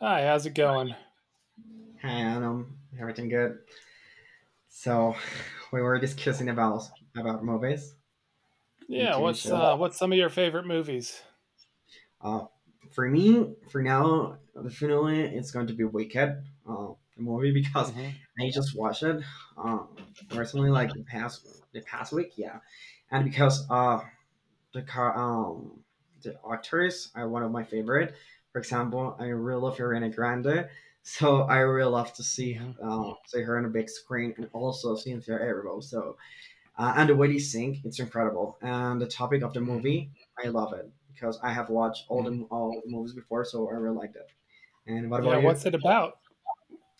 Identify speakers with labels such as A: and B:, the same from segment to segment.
A: Hi, how's it going?
B: Hi, Adam. Everything good? So, we were discussing about movies and
A: Yeah,
B: TV shows.
A: what's some of your favorite movies?
B: Uh, for me, for now, definitely it's going to be Wicked, the movie because
A: Hmm.
B: I just watched it uh, recently, like the past week, yeah. And because the car um the actors are one of my favorite. For example, I really love Ariana Grande, so I really love to see
A: Hmm.
B: um, see her on a big screen and also Cynthia Erivo. So, and the way they sing, it's incredible. And the topic of the
A: Hmm.
B: movie, I love it because I have watched all the
A: Hmm.
B: all the movies before, so I really liked it. And what about
A: Yeah,
B: you?
A: what's it about?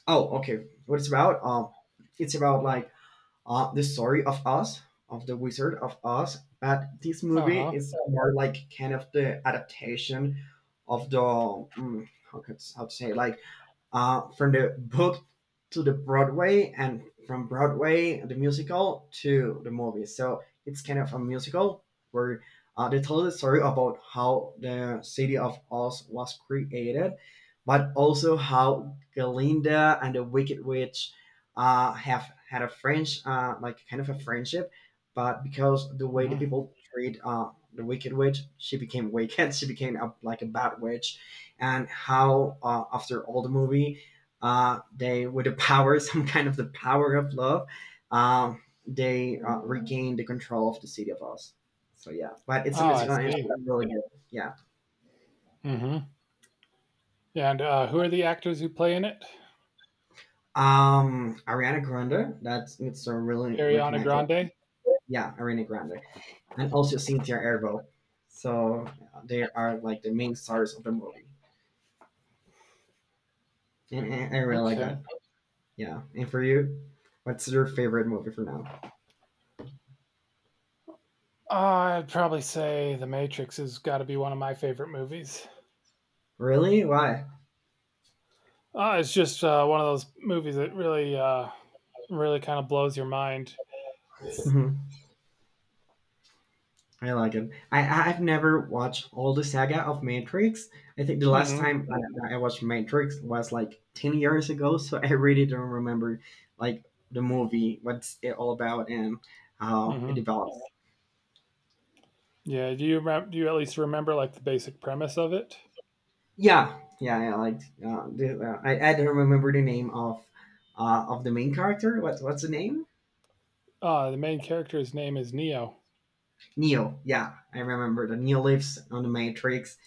B: Oh, okay. What it's about? It's about like the story of Oz, of the Wizard of Oz. But this
A: Uh
B: movie
A: huh.
B: is more like kind of the adaptation of the how to say it, like from the book to the Broadway, and from Broadway the musical to the movie. So it's kind of a musical where they tell the story about how the city of Oz was created, but also how Glinda and the Wicked Witch have had a French, like kind of a friendship, but because the way the
A: Hmm.
B: people treat the Wicked Witch, she became wicked. She became like a bad witch, and how after all the movie they, with the power some kind of the power of love, they regain the control of the city of Oz, so yeah, but it's a
A: Oh, I
B: musical and it's
A: see.
B: really good. Yeah.
A: Hmm. And who are the actors who play in it?
B: Ariana Grande, that's it's a really
A: Ariana
B: recognized.
A: Grande.
B: Yeah, Ariana Grande, and also Cynthia Erivo. So they are like the main stars of the movie, and I really like
A: Okay.
B: that. Yeah, and for you, what's your favorite movie for now?
A: I'd probably say The Matrix has got to be one of my favorite movies.
B: Really, why?
A: It's just one of those movies that really, really kind of blows your mind.
B: I like it. I have never watched all the saga of Matrix. I think the last
A: Hmm.
B: time I watched Matrix was like 10 years ago, so I really don't remember, like, the movie, what's it all about, and how
A: Hmm.
B: it develops.
A: Yeah. Do do you at least remember like the basic premise of it?
B: Yeah, yeah, I liked. The, I don't remember the name of, of the main character. What's the name?
A: The main character's name is Neo.
B: Neo. Yeah, I remember. The Neo lives on the Matrix,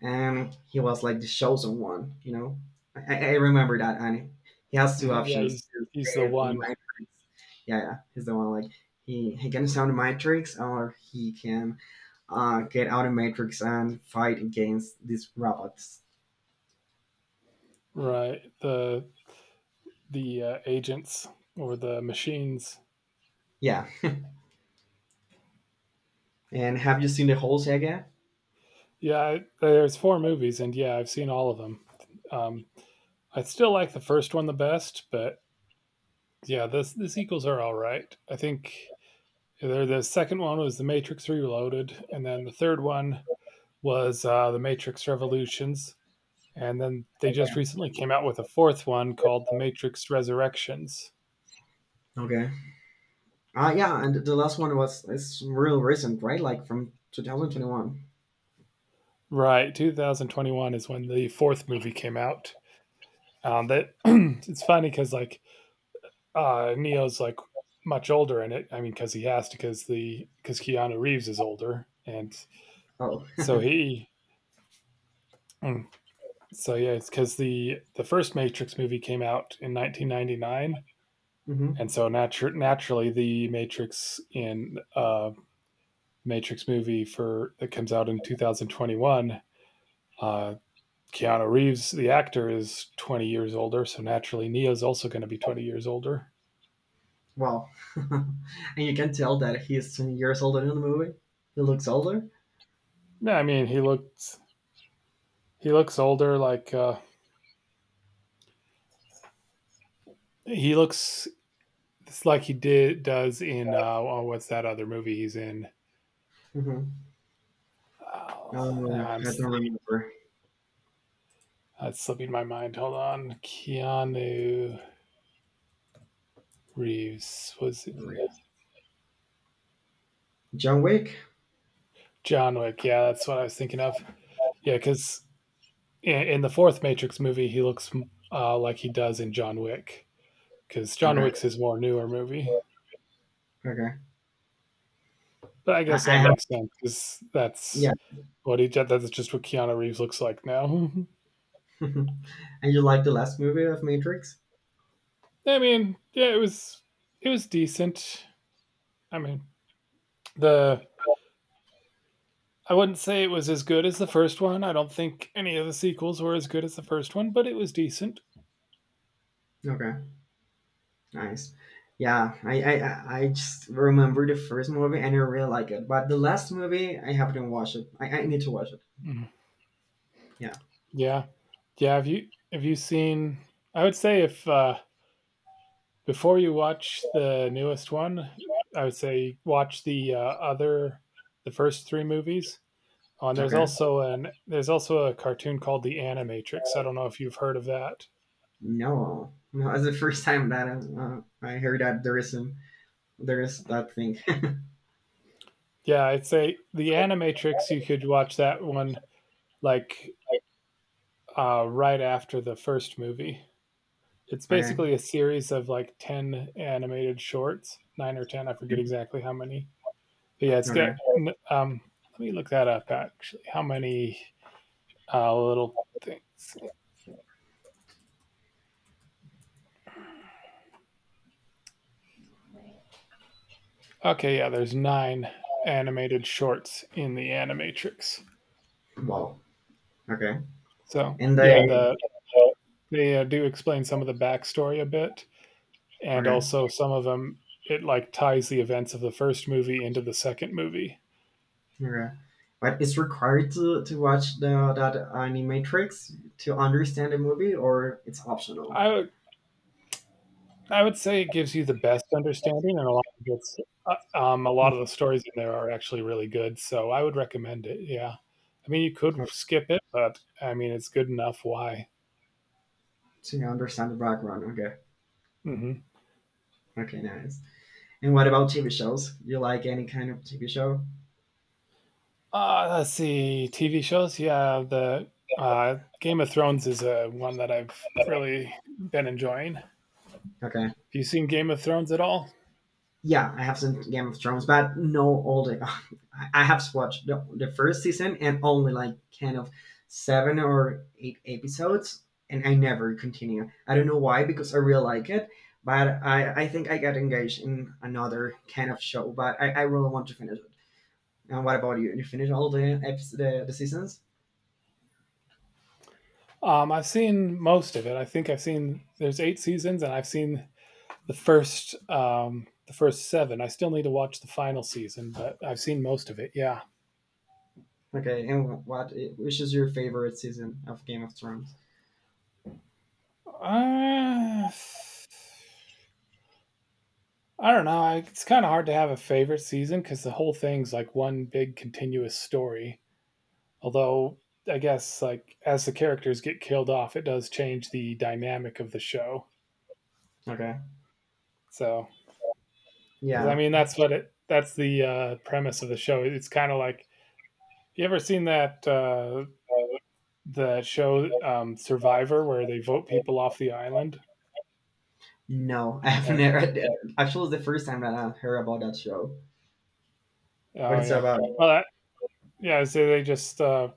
B: and he was like the chosen one. You know, I remember that, and he has two
A: Mhm. Yeah,
B: options
A: he's
B: to
A: he's the
B: save on the
A: one,
B: Matrix. Yeah, yeah, he's the one, like he can sound the Matrix, or he can get out of Matrix and fight against these robots.
A: right? The agents or the machines.
B: Yeah, and have you seen the whole saga?
A: Yeah, there's four movies, and yeah, I've seen all of them. Um, I still like the first one the best, but yeah, this the sequels are all right. I think there, the second one was The Matrix Reloaded, and then the third one was The Matrix Revolutions, and then they just
B: Okay.
A: recently came out with a fourth one called The Matrix Resurrections.
B: Okay. Yeah, and the last one was it's real recent, right? Like from 2021.
A: Right, 2021 is when the fourth movie came out. That It's funny because like Neo's like much older in it. I mean, because he has to, because the because Keanu Reeves is older, and
B: Oh.
A: so he. mm, So yeah, it's because the first Matrix movie came out in 1999, and
B: Hmm.
A: so naturally the Matrix in Matrix movie for that comes out in 2021. Uh, Keanu Reeves, the actor, is 20 years older, so naturally Neo's also going to be 20 years older.
B: Wow. And you can tell that he's 20 years older in the movie. He looks older.
A: No, I mean he looked he looks older. Like he looks it's like he did does in oh, what's that other movie he's in?
B: Mm-hmm.
A: Oh,
B: Oh,
A: nah, I'm
B: I don't remember.
A: that's slipping my mind. Hold on, Keanu Reeves, was it?
B: John Wick?
A: John Wick? Yeah, that's what I was thinking of. Yeah, because in the fourth Matrix movie, he looks like he does in John Wick. Because John
B: Okay.
A: Wick's his more newer movie.
B: Okay.
A: But I guess
B: I
A: that
B: have.
A: makes sense because
B: Yeah.
A: that's just what Keanu Reeves looks like now.
B: And you like the last movie of Matrix?
A: I mean, yeah, it was decent. I mean, the I wouldn't say it was as good as the first one. I don't think any of the sequels were as good as the first one, but it was decent.
B: Okay. Nice. Yeah, I just remember the first movie and I really like it, but the last movie I haven't watched it. I need to watch it.
A: Mm.
B: Yeah.
A: Yeah, yeah. Have you seen? I would say if before you watch the newest one, I would say watch the first three movies. Oh, and
B: Okay.
A: there's also a cartoon called The Animatrix. I don't know if you've heard of that.
B: No, no, it's the first time that I heard that there is that thing.
A: Yeah, I'd say The Animatrix. You could watch that one like right after the first movie. It's
B: Okay.
A: basically a series of like 10 animated shorts, nine or ten. I forget exactly how many. But yeah, it's got.
B: Okay.
A: Um, Let me look that up. Actually, how many little things? Okay, yeah, there's nine animated shorts in The Animatrix.
B: Wow. Okay.
A: So
B: And I.
A: yeah, and they do explain some of the backstory a bit, and
B: Okay.
A: also some of them it like ties the events of the first movie into the second movie.
B: Okay. But it's required, to watch the that animatrix, to understand the movie, or it's optional.
A: i would I would say it gives you the best understanding, and a lot of the stories in there are actually really good, so I would recommend it. Yeah. I mean, you could
B: Okay,
A: skip it, but I mean it's good enough. Why?
B: to understand the background. Okay.
A: Hmm.
B: Okay. Nice. And what about TV shows? You like any kind of TV show?
A: Let's see, TV shows. Yeah, the Game of Thrones is one that I've really been enjoying. Have
B: Okay.
A: you seen Game of Thrones at all?
B: Yeah, I have seen Game of Thrones, but no all the. I have watched the first season and only like kind of seven or eight episodes, and I never continue. I don't know why, because I really like it, but I think I got engaged in another kind of show, but I really want to finish it. And what about you? You finish all the episodes, the seasons?
A: I've seen most of it. I think I've seen there's eight seasons, and I've seen the first seven. I still need to watch the final season, but I've seen most of it. Yeah.
B: Okay, and what which is your favorite season of Game of Thrones?
A: I don't know. It's kind of hard to have a favorite season because the whole thing's like one big continuous story. Although I guess like as the characters get killed off, it does change the dynamic of the show.
B: Okay.
A: So because I
B: Yeah.
A: mean that's what it that's the premise of the show. It's kind of like, you ever seen that show, Survivor, where they vote people off the island?
B: No, I haven't
A: And
B: heard it. Actually, it's the first time that I heard about that show. What
A: oh
B: it's
A: yeah,
B: about. Okay.
A: well, yeah. So they just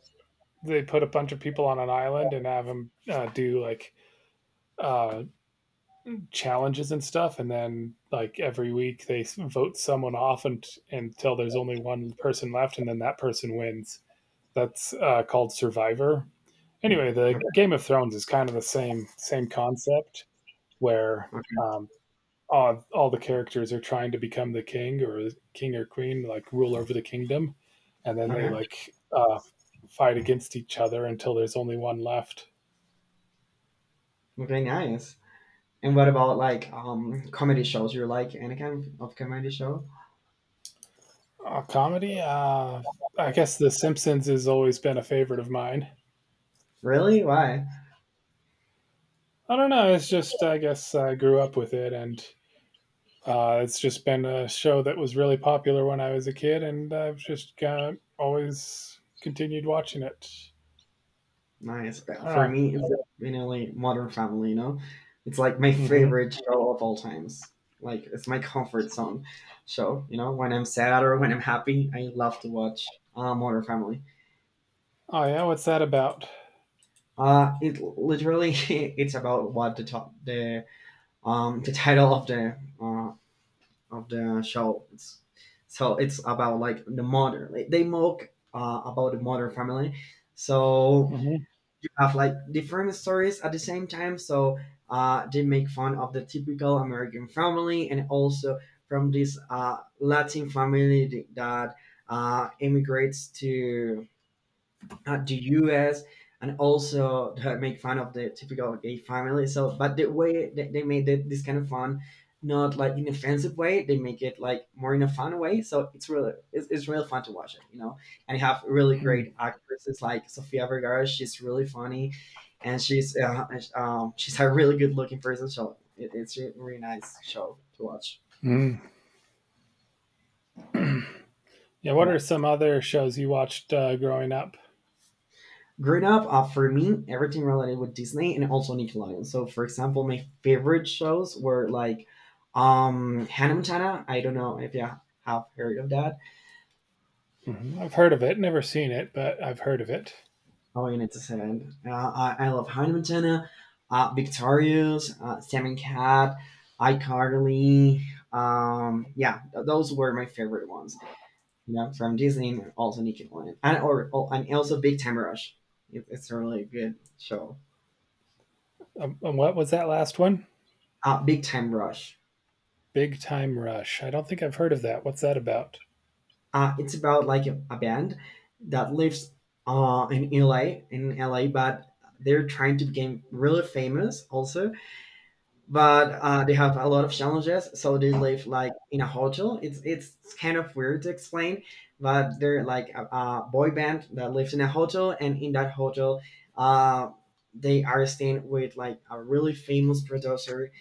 A: they put a bunch of people on an island and have them do like uh, challenges and stuff, and then like every week they vote someone off and, until there's only one person left, and then that person wins. That's called Survivor. Anyway, the Game of Thrones is kind of the same concept where
B: Okay.
A: um, all the characters are trying to become the king or queen, like rule over the kingdom, and then they
B: Okay.
A: like fight against each other until there's only one left.
B: Okay. Nice. And what about like comedy shows? You like any kind of comedy show?
A: Comedy, I guess The Simpsons has always been a favorite of mine.
B: Really? Why?
A: I don't know. It's just I guess I grew up with it, and it's just been a show that was really popular when I was a kid, and I've just always continued watching it.
B: Nice.
A: I
B: Well,
A: don't
B: for
A: know.
B: me, it's mainly Modern Family. You know, it's like my
A: Hmm.
B: favorite show of all times. Like, it's my comfort zone show. You know, when I'm sad or when I'm happy, I love to watch Modern Family.
A: Oh yeah, what's that about?
B: It literally it's about what the title of the show. So it's about, like, the mother. Like, they mock about the mother family. So
A: Mm-hmm.
B: you have like different stories at the same time. So they make fun of the typical American family, and also from this Latin family that immigrates to at the US, and also make fun of the typical gay family. So, but the way that they made it, this kind of fun, not like in offensive way, they make it like more in a fun way. So it's really fun to watch it, you know, and you have really great actresses like Sofia Vergara. She's really funny, and she's a really good looking person. So it's a really nice show to watch.
A: Mm-hmm. Yeah, what are some other shows you watched growing up?
B: Growing up, for me, everything related with Disney and also Nickelodeon. So, for example, my favorite shows were like Hannah Montana. I don't know if you have heard of that.
A: Mhm. I've heard of it, never seen it, but I've heard of it.
B: Oh, you need to say it. I love Hannah Montana, Victorious, Sam and Cat, iCarly. Yeah, those were my favorite ones. You know, from Disney and also Nickelodeon, and or and also Big Time Rush. It's a really good show.
A: And what was that last one?
B: Big Time Rush.
A: Big Time Rush. I don't think I've heard of that. What's that about?
B: It's about like a band that lives uh, in LA, in LA, but they're trying to become really famous also, but they have a lot of challenges, so they live like in a hotel. It's kind of weird to explain, but they're like a boy band that lives in a hotel, and in that hotel uh, they are staying with like a really famous producer,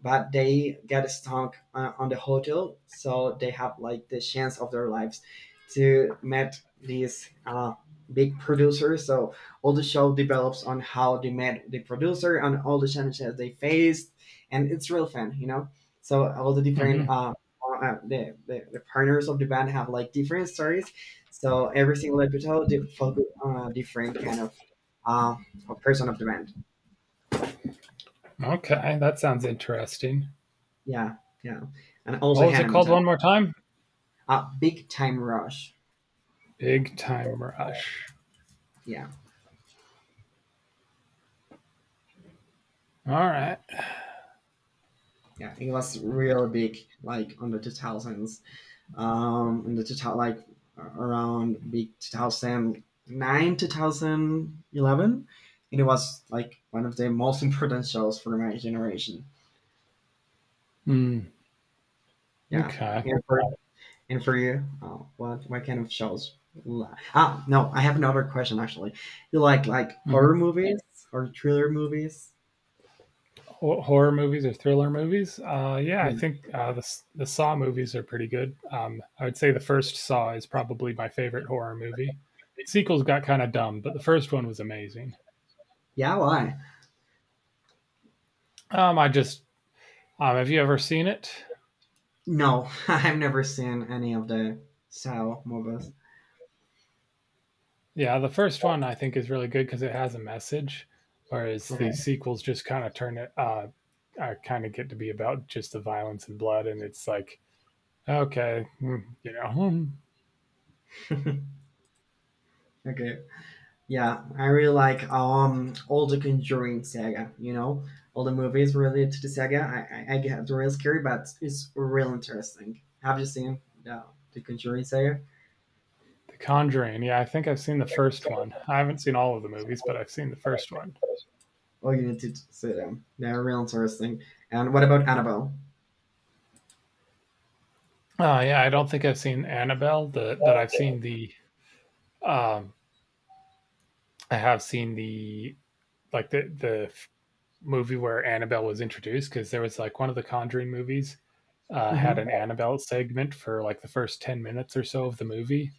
B: but they get stuck on the hotel, so they have like the chance of their lives to meet these big producer. So all the show develops on how they met the producer and all the challenges they faced, and it's real fun, you know. So all the different
A: Hmm.
B: the partners of the band have like different stories. So every single episode they focus on a different kind of uh of person of the band.
A: Okay, that sounds interesting.
B: Yeah, yeah, and
A: What
B: also
A: was it
B: Hannah
A: called
B: Montana,
A: one more time?
B: Big Time Rush.
A: Big Time Rush.
B: Yeah,
A: All right.
B: yeah, it was real big, like on the 2000s. In the total, like around big 2009 2011, and it was like one of the most important shows for my generation.
A: Mm,
B: Yeah.
A: okay.
B: And for, and for you? Oh, what kind of shows? No, I have another question, actually. You like
A: Mhm.
B: horror movies or thriller movies?
A: Horror movies or thriller movies? Yeah, I
B: Yeah,
A: think the Saw movies are pretty good. I would say the first Saw is probably my favorite horror movie. Sequels got kind of dumb, but the first one was amazing.
B: yeah, why?
A: I just Have you ever seen it?
B: No, I've never seen any of the Sao movies.
A: Yeah, the first one I think is really good because it has a message, whereas the
B: Okay.
A: sequels just kind of turn it. I kind of get to be about just the violence and blood, and it's like okay, mm, you know, hmm.
B: Okay. Yeah, I really like all the Conjuring saga. You know, all the movies related to the saga. I get it's real scary, but it's real interesting. Have you seen the Conjuring saga?
A: The Conjuring. Yeah, I think I've seen the first one. I haven't seen all of the movies, but I've seen the first one.
B: Oh, you need to see them. They're real interesting. And what about Annabelle?
A: Yeah, I don't think I've seen Annabelle, but I've seen the. Um, I have seen the, like movie where Annabelle was introduced because there was like one of the Conjuring movies had
B: Mm-hmm.
A: an Annabelle segment for like the first 10 minutes or so of the movie,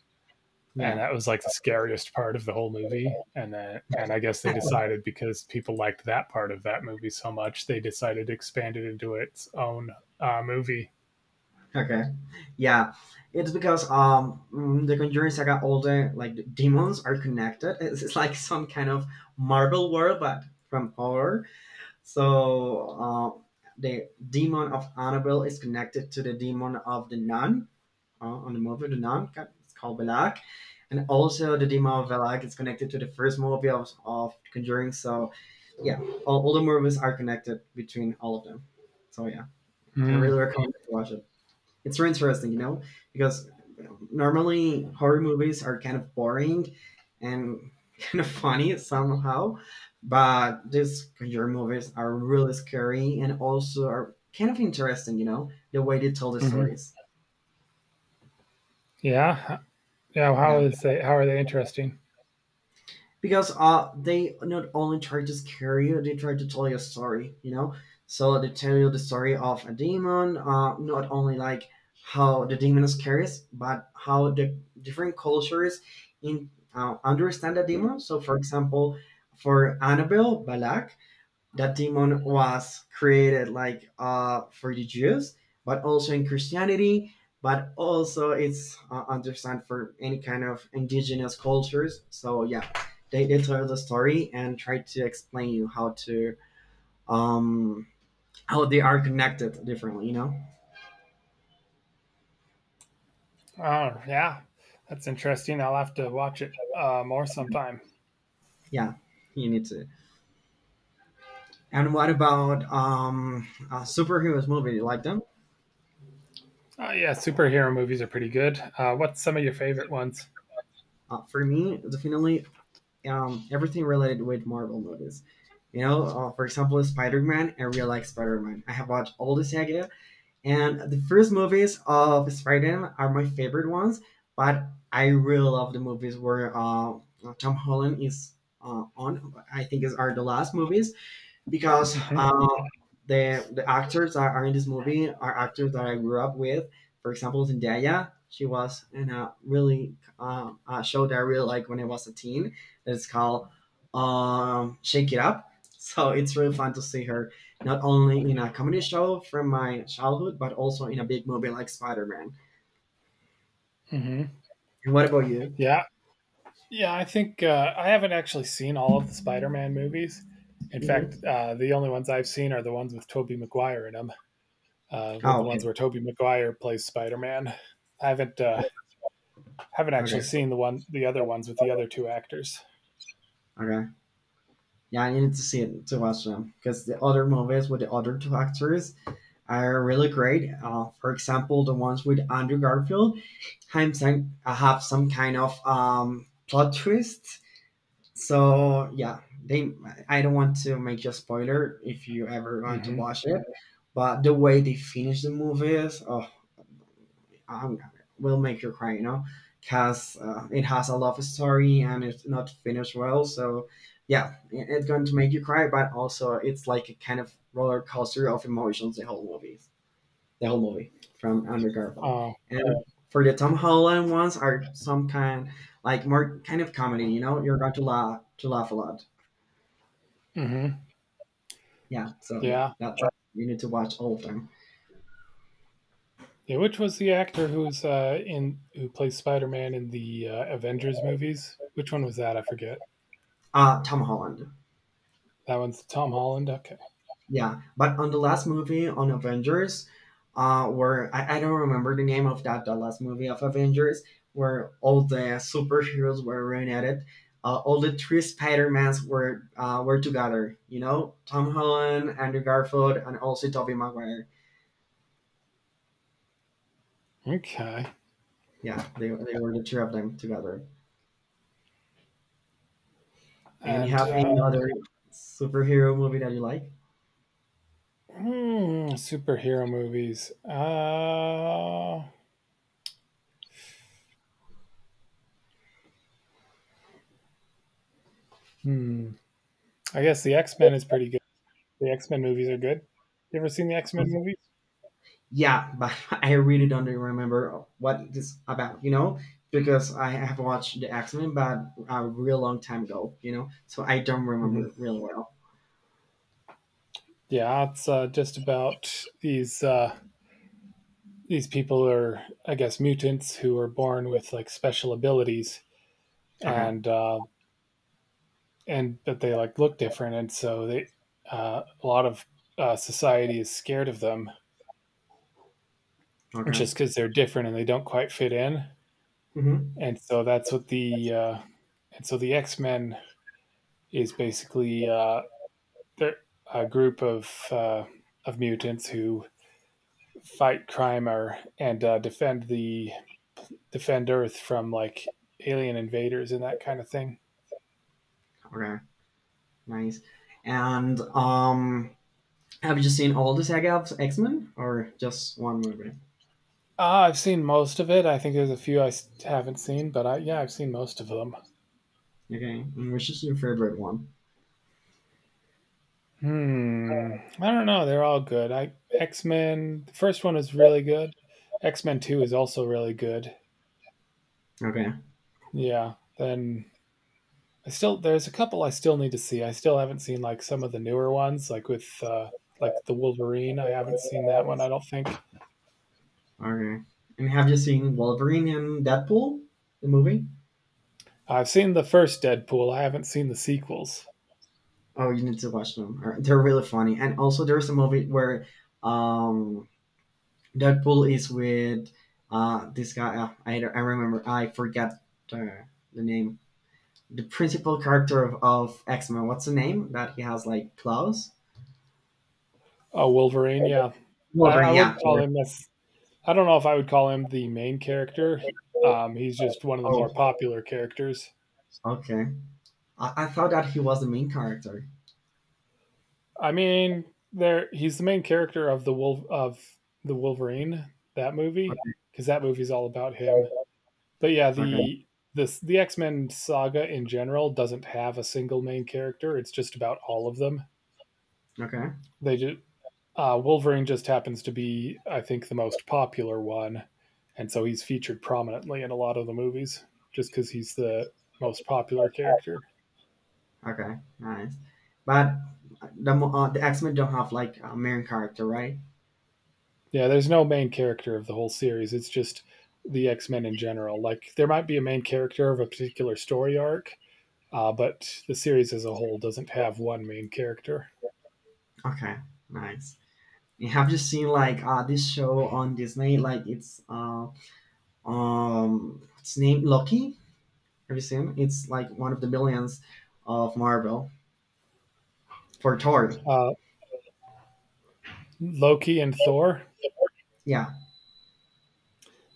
A: and
B: Yeah.
A: that was like the scariest part of the whole movie, and then and I guess they decided, because people liked that part of that movie so much, they decided to expand it into its own movie.
B: Okay. Yeah. It's because the Conjuring Saga, all the demons are connected. It's like some kind of Marvel world, but from horror. So uh, the demon of Annabelle is connected to the demon of the nun on the movie. The nun it's called Belak, and also the demon of Belak is connected to the first movie of Conjuring. So yeah, all the movies are connected between all of them. So yeah, I
A: mm,
B: really recommend to watch it. It's very interesting, you know, because normally horror movies are kind of boring and kind of funny somehow, but these conjure movies are really scary, and also are kind of interesting, you know, the way they tell the
A: hmm.
B: stories.
A: Yeah. Yeah,
B: Yeah.
A: how are they interesting?
B: Because they not only try to scare you, they try to tell you a story, you know. So they tell you the story of a demon, not only like how the demon is curious, but how the different cultures in understand the demon. So, for example, for Annabelle, Balak, that demon was created like for the Jews, but also in Christianity, but also it's understand for any kind of indigenous cultures. So yeah, they tell the story and try to explain you how to um how they are connected differently. You know,
A: Oh yeah, that's interesting. I'll have to watch it more sometime.
B: yeah, you need to. And what about superheroes movie? You like them?
A: Yeah, superhero movies are pretty good. What's some of your favorite ones?
B: For me, definitely everything related with Marvel movies. You know, for example, Spider Man. I really like Spider Man. I have watched all the saga, and the first movies of Spider Man are my favorite ones. But I really love the movies where Tom Holland is on. I think is are the last movies because the actors that are in this movie are actors that I grew up with. For example, Zendaya, she was in a really a show that I really like when I was a teen. It's called Shake It Up. So it's really fun to see her not only in a comedy show from my childhood, but also in a big movie like Spider Man.
A: Hmm.
B: And what about you?
A: Yeah. Yeah, I think I haven't actually seen all of the Spider-Man movies. In fact,
B: hmm
A: the only ones I've seen are the ones with Tobey Maguire in them, with
B: Oh,
A: the ones
B: okay.
A: where Tobey Maguire plays Spider-Man. I haven't
B: Okay,
A: actually seen the other ones with the other two actors.
B: okay. Yeah, I need to see it to watch them because the other movies with the other two actors are really great. For example, the ones with Andrew Garfield have some kind of plot twist. So yeah, they. I don't want to make you a spoiler if you ever want to
A: Mm-hmm.
B: watch it, but the way they finish the movie is um, will make you cry. You know, because it has a love story and it's not finished well. So yeah, it's going to make you cry, but also it's like a kind of roller coaster of emotions. The whole movie from Andrew Garfield.
A: Oh,
B: And for the Tom Holland ones are some kind like more kind of comedy. You know, you're going to laugh a lot.
A: mm-hmm.
B: Yeah. So yeah,
A: Yeah.
B: that you need to watch all of them.
A: Yeah, which was the actor who plays Spider-Man in the Avengers movies? Which one was that? I forget.
B: Tom Holland.
A: That one's Tom Holland. Okay.
B: Yeah, but on the last movie on Avengers, where I don't remember the name of that the last movie of Avengers, where all the superheroes were reunited, all the three Spider Mans were together. You know, Tom Holland, Andrew Garfield, and also Tobey Maguire.
A: Okay.
B: Yeah, they were the three of them together. And you
A: And
B: have any other superhero movie that you like?
A: Mm, superhero movies. Hmm. I guess the X Men is pretty good. The X Men movies are good. You ever seen the X Men movies?
B: Yeah, but I really don't remember what it is about, you know, because I have watched the X Men, but a real long time ago, you know, so I don't
A: Hmm.
B: remember really well.
A: Yeah, it's just about these people are, I guess, mutants who are born with like special abilities,
B: Okay,
A: and but they like look different, and so they a lot of society is scared of them
B: okay,
A: just because they're different and they don't quite fit in.
B: hmm
A: and so that's what the uh, and so the X Men is basically a group of mutants who fight crime or and defend Earth from like alien invaders and that kind of thing.
B: okay, nice. And have you seen all the saga of X Men or just one movie?
A: I've seen most of it. I think there's a few haven't seen, but yeah, I've seen most of them.
B: Okay, and which is your favorite one?
A: Hmm. I don't know. They're all good. I X Men. The first one is really good. X Men Two is also really good.
B: Okay,
A: Yeah. Then I still there's a couple I still need to see. I still haven't seen like some of the newer ones, like with like the Wolverine. I haven't seen that one. I don't think
B: okay. And have you seen Wolverine and Deadpool, the movie?
A: I've seen the first Deadpool. I haven't seen the sequels.
B: Oh, you need to watch them. They're really funny. And also, there's a movie where um, Deadpool is with this guy. I, don't- I remember. I forget the, the name. The principal character of X Men. What's the name that he has? Like Klaus?
A: Oh, Wolverine. Yeah, I
B: Wolverine. Yeah.
A: wouldn't call him this. I don't know if I would call him the main character. He's just one of the
B: Oh,
A: more popular characters.
B: okay. I thought that he was the main character.
A: I mean, there he's the main character of the Wolf of the Wolverine that movie
B: Okay.
A: because that movie's all about him. But yeah,
B: Okay.
A: the X Men saga in general doesn't have a single main character. It's just about all of them.
B: Okay.
A: They just Wolverine just happens to be, I think, the most popular one, and so he's featured prominently in a lot of the movies just because he's the most popular character.
B: Okay. Nice. But the X Men don't have like a main character, right?
A: Yeah, there's no main character of the whole series. It's just the X Men in general. Like there might be a main character of a particular story arc, but the series as a whole doesn't have one main character.
B: Okay, nice. And have you seen like this show on Disney? Like it's named Loki. Have you seen? It's like one of the millions of Marvel for Thor.
A: Uh, Loki and Thor.
B: Yeah,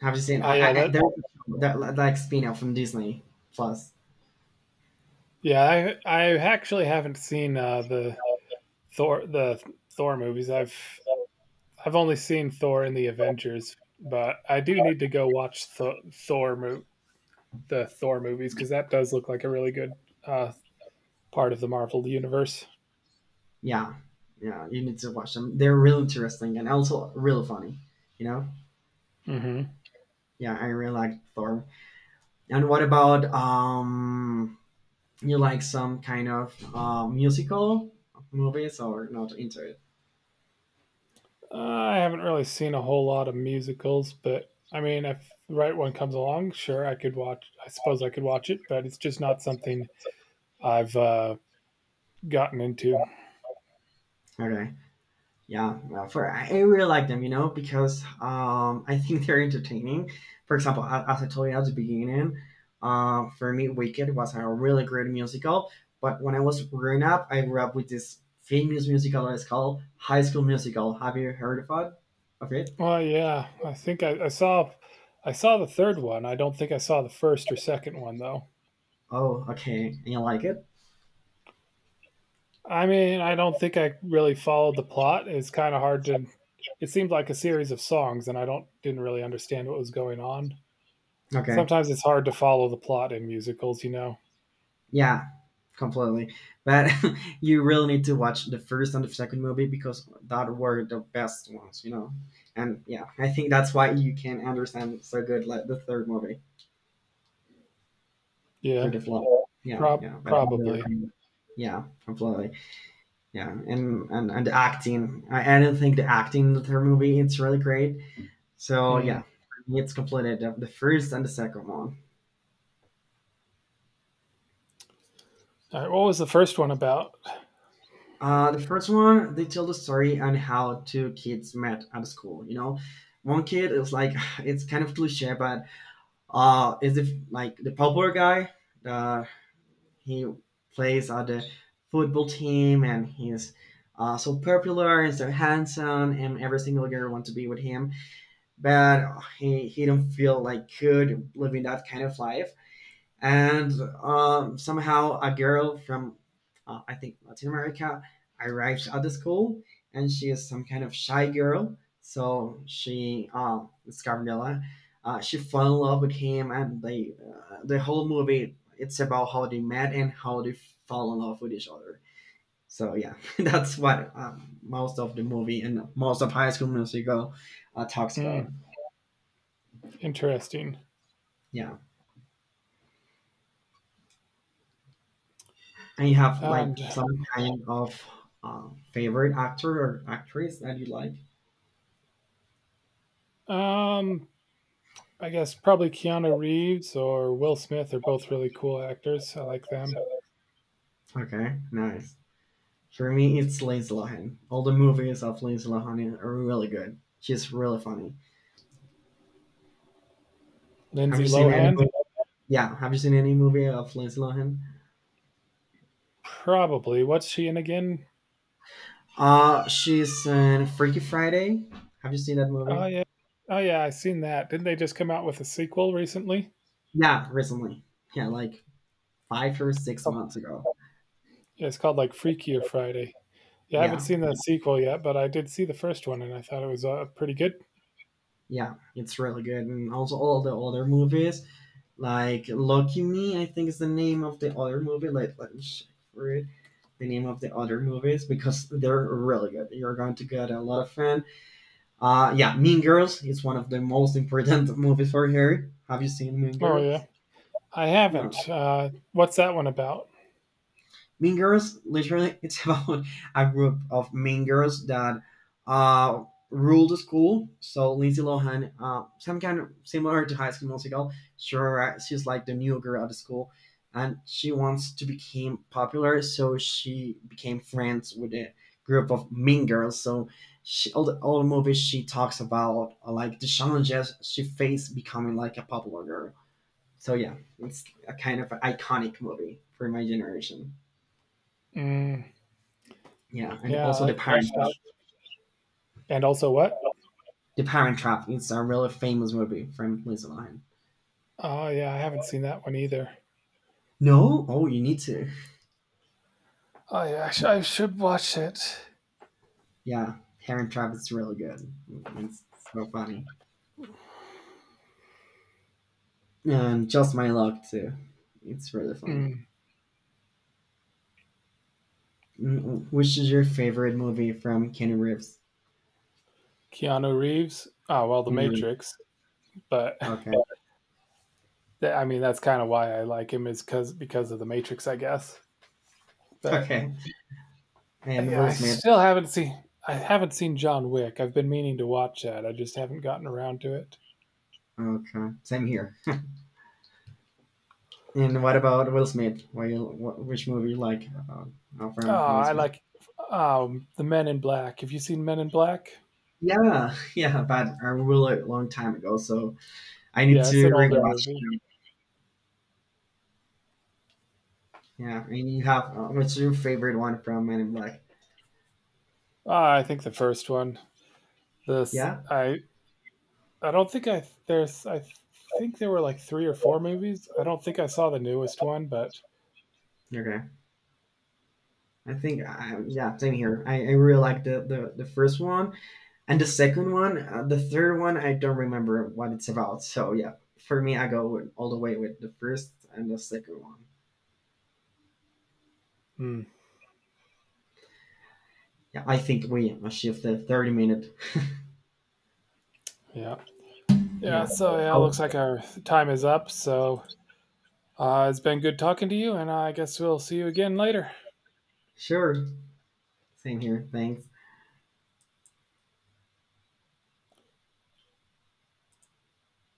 B: have you seen?
A: Oh yeah,
B: I
A: that
B: there's a show that like spin-off from Disney Plus.
A: yeah. I I actually haven't seen the Thor the Thor movies. I've only seen Thor in the Avengers, but I do need to go watch the Thor movies because that does look like a really good uh, part of the Marvel universe.
B: Yeah, yeah, you need to watch them. They're really interesting and also really funny. You know?
A: Mm-hmm.
B: Yeah, I really like Thor. And what about you like some kind of musical movies or not into it?
A: I haven't really seen a whole lot of musicals, but I mean, if the right one comes along, sure, I could watch. I suppose I could watch it, but it's just not something I've gotten into.
B: Okay. Yeah, well, for I really like them, you know, because I think they're entertaining. For example, as I told you at the beginning, for me, Wicked was a really great musical. But when I was growing up, I grew up with this famous musical that is called High School Musical. Have you heard of it? Of it?
A: Oh yeah, I think I saw the third one. I don't think I saw the first or second one though.
B: Oh, okay. And you like it?
A: I mean, I don't think I really followed the plot. It's kind of hard to it seemed like a series of songs and I don't didn't really understand what was going on.
B: Okay.
A: Sometimes it's hard to follow the plot in musicals, you know.
B: Yeah, completely. But you really need to watch the first and the second movie because that were the best ones, you know. And yeah, I think that's why you can understand so good like the third movie for
A: Yeah,
B: the flow. Yeah, yeah, but I really
A: probably.
B: it. Yeah, completely. Yeah, and the acting, I don't think the acting in the third movie it's really great. So
A: Mm.
B: yeah, for me, it's completely the first and the second one.
A: All right, what was the first one about?
B: The first one, they tell the story on how two kids met at school. You know, one kid is like, it's kind of cliche, but is if like the popular guy, uh, he plays on the football team and he's so popular and so handsome, and every single girl wants to be with him. But he don't feel like good living that kind of life and somehow a girl from I think Latin America arrives at the school, and she is some kind of shy girl. So it's Gabriela. She fell in love with him, and the whole movie, it's about how they met and how they fall in love with each other. So yeah, that's what most of the movie and most of High School Musical talks about.
A: Mm, interesting.
B: Yeah. And you have like
A: And
B: some kind of favorite actor or actress that you like?
A: um I guess probably Keanu Reeves or Will Smith are both really cool actors. I like them.
B: Okay, nice. For me, it's Lindsay Lohan. All the movies of Lindsay Lohan are really good. She's really funny. Have
A: Lindsay
B: you seen any?
A: Lohan?
B: Mo- Yeah, have you seen any movie of Lindsay Lohan?
A: Probably. What's she in again?
B: She's in Freaky Friday. Have you seen that
A: Oh
B: movie?
A: yeah. Oh yeah, I seen that. Didn't they just come out with a sequel recently?
B: Yeah, recently. Yeah, like five or six
A: Oh,
B: months ago.
A: yeah, it's called like Freakier Friday. Yeah, I haven't
B: Yeah,
A: seen the sequel yet, but I did see the first one and I thought it was pretty good.
B: yeah, it's really good. And also all the other movies. Like Lucky Me, I think is the name of the other movie. Let me check for it. The name of the other movies because they're really good. You're going to get a lot of fun. Yeah, Mean Girls is one of the most important movies for her. Have you seen Mean
A: Oh yeah,
B: Girls?
A: I
B: Yeah.
A: haven't. What's that one about?
B: Mean Girls, literally, it's about a group of mean girls that uh, rule the school. So Lindsay Lohan, some kind of similar to High School Musical, sure, she's like the new girl at the school, and she wants to become popular. So she became friends with a group of mean girls. So all the movies she talks about like the challenges she faced becoming like a popular girl. So yeah, it's a kind of iconic movie for my generation.
A: Mm,
B: Yeah, and
A: yeah,
B: also the Parent Trap.
A: and also what?
B: The Parent Trap. It's a really famous movie from Liz Line.
A: Oh yeah, I haven't seen that one either.
B: No, oh, you need to.
A: Oh yeah, I should watch it.
B: Yeah, Parent Trap is really good. It's so funny. And Just My Luck too. It's really fun.
A: Mm,
B: Mm, mm. Which is your favorite movie from Kenny Reeves?
A: Keanu Reeves. Oh well, The
B: Kenny Reeves.
A: Matrix, but
B: Okay.
A: I mean, that's kind of why I like him is because of the Matrix, I guess. But
B: Okay. And
A: yeah,
B: Will Smith.
A: I haven't seen John Wick. I've been meaning to watch that. I just haven't gotten around to it.
B: Okay. Same here. And what about Will Smith? Which movie you like
A: Oh,
B: from Will
A: I
B: Smith?
A: like the Men in Black. Have you seen Men in Black?
B: Yeah, yeah, but a really long time ago, so I need
A: Yeah,
B: to
A: it's an older
B: rewatch
A: movie.
B: them. Yeah, and you have what's your favorite one from Men in Black?
A: I think the first one. This
B: Yeah.
A: I don't think I there's I think there were like three or four movies. I don't think I saw the newest one, but
B: Okay. Yeah, same here. I really like the first one and the second one. The third one I don't remember what it's about. So yeah, for me I all the way with the first and the second one.
A: hmm,
B: Yeah, I think we achieved the 30 minute.
A: yeah, yeah.
B: Yeah.
A: So yeah,
B: Oh,
A: looks like our time is up. So it's been good talking to you, and I guess we'll see you again later.
B: sure. Same here. Thanks.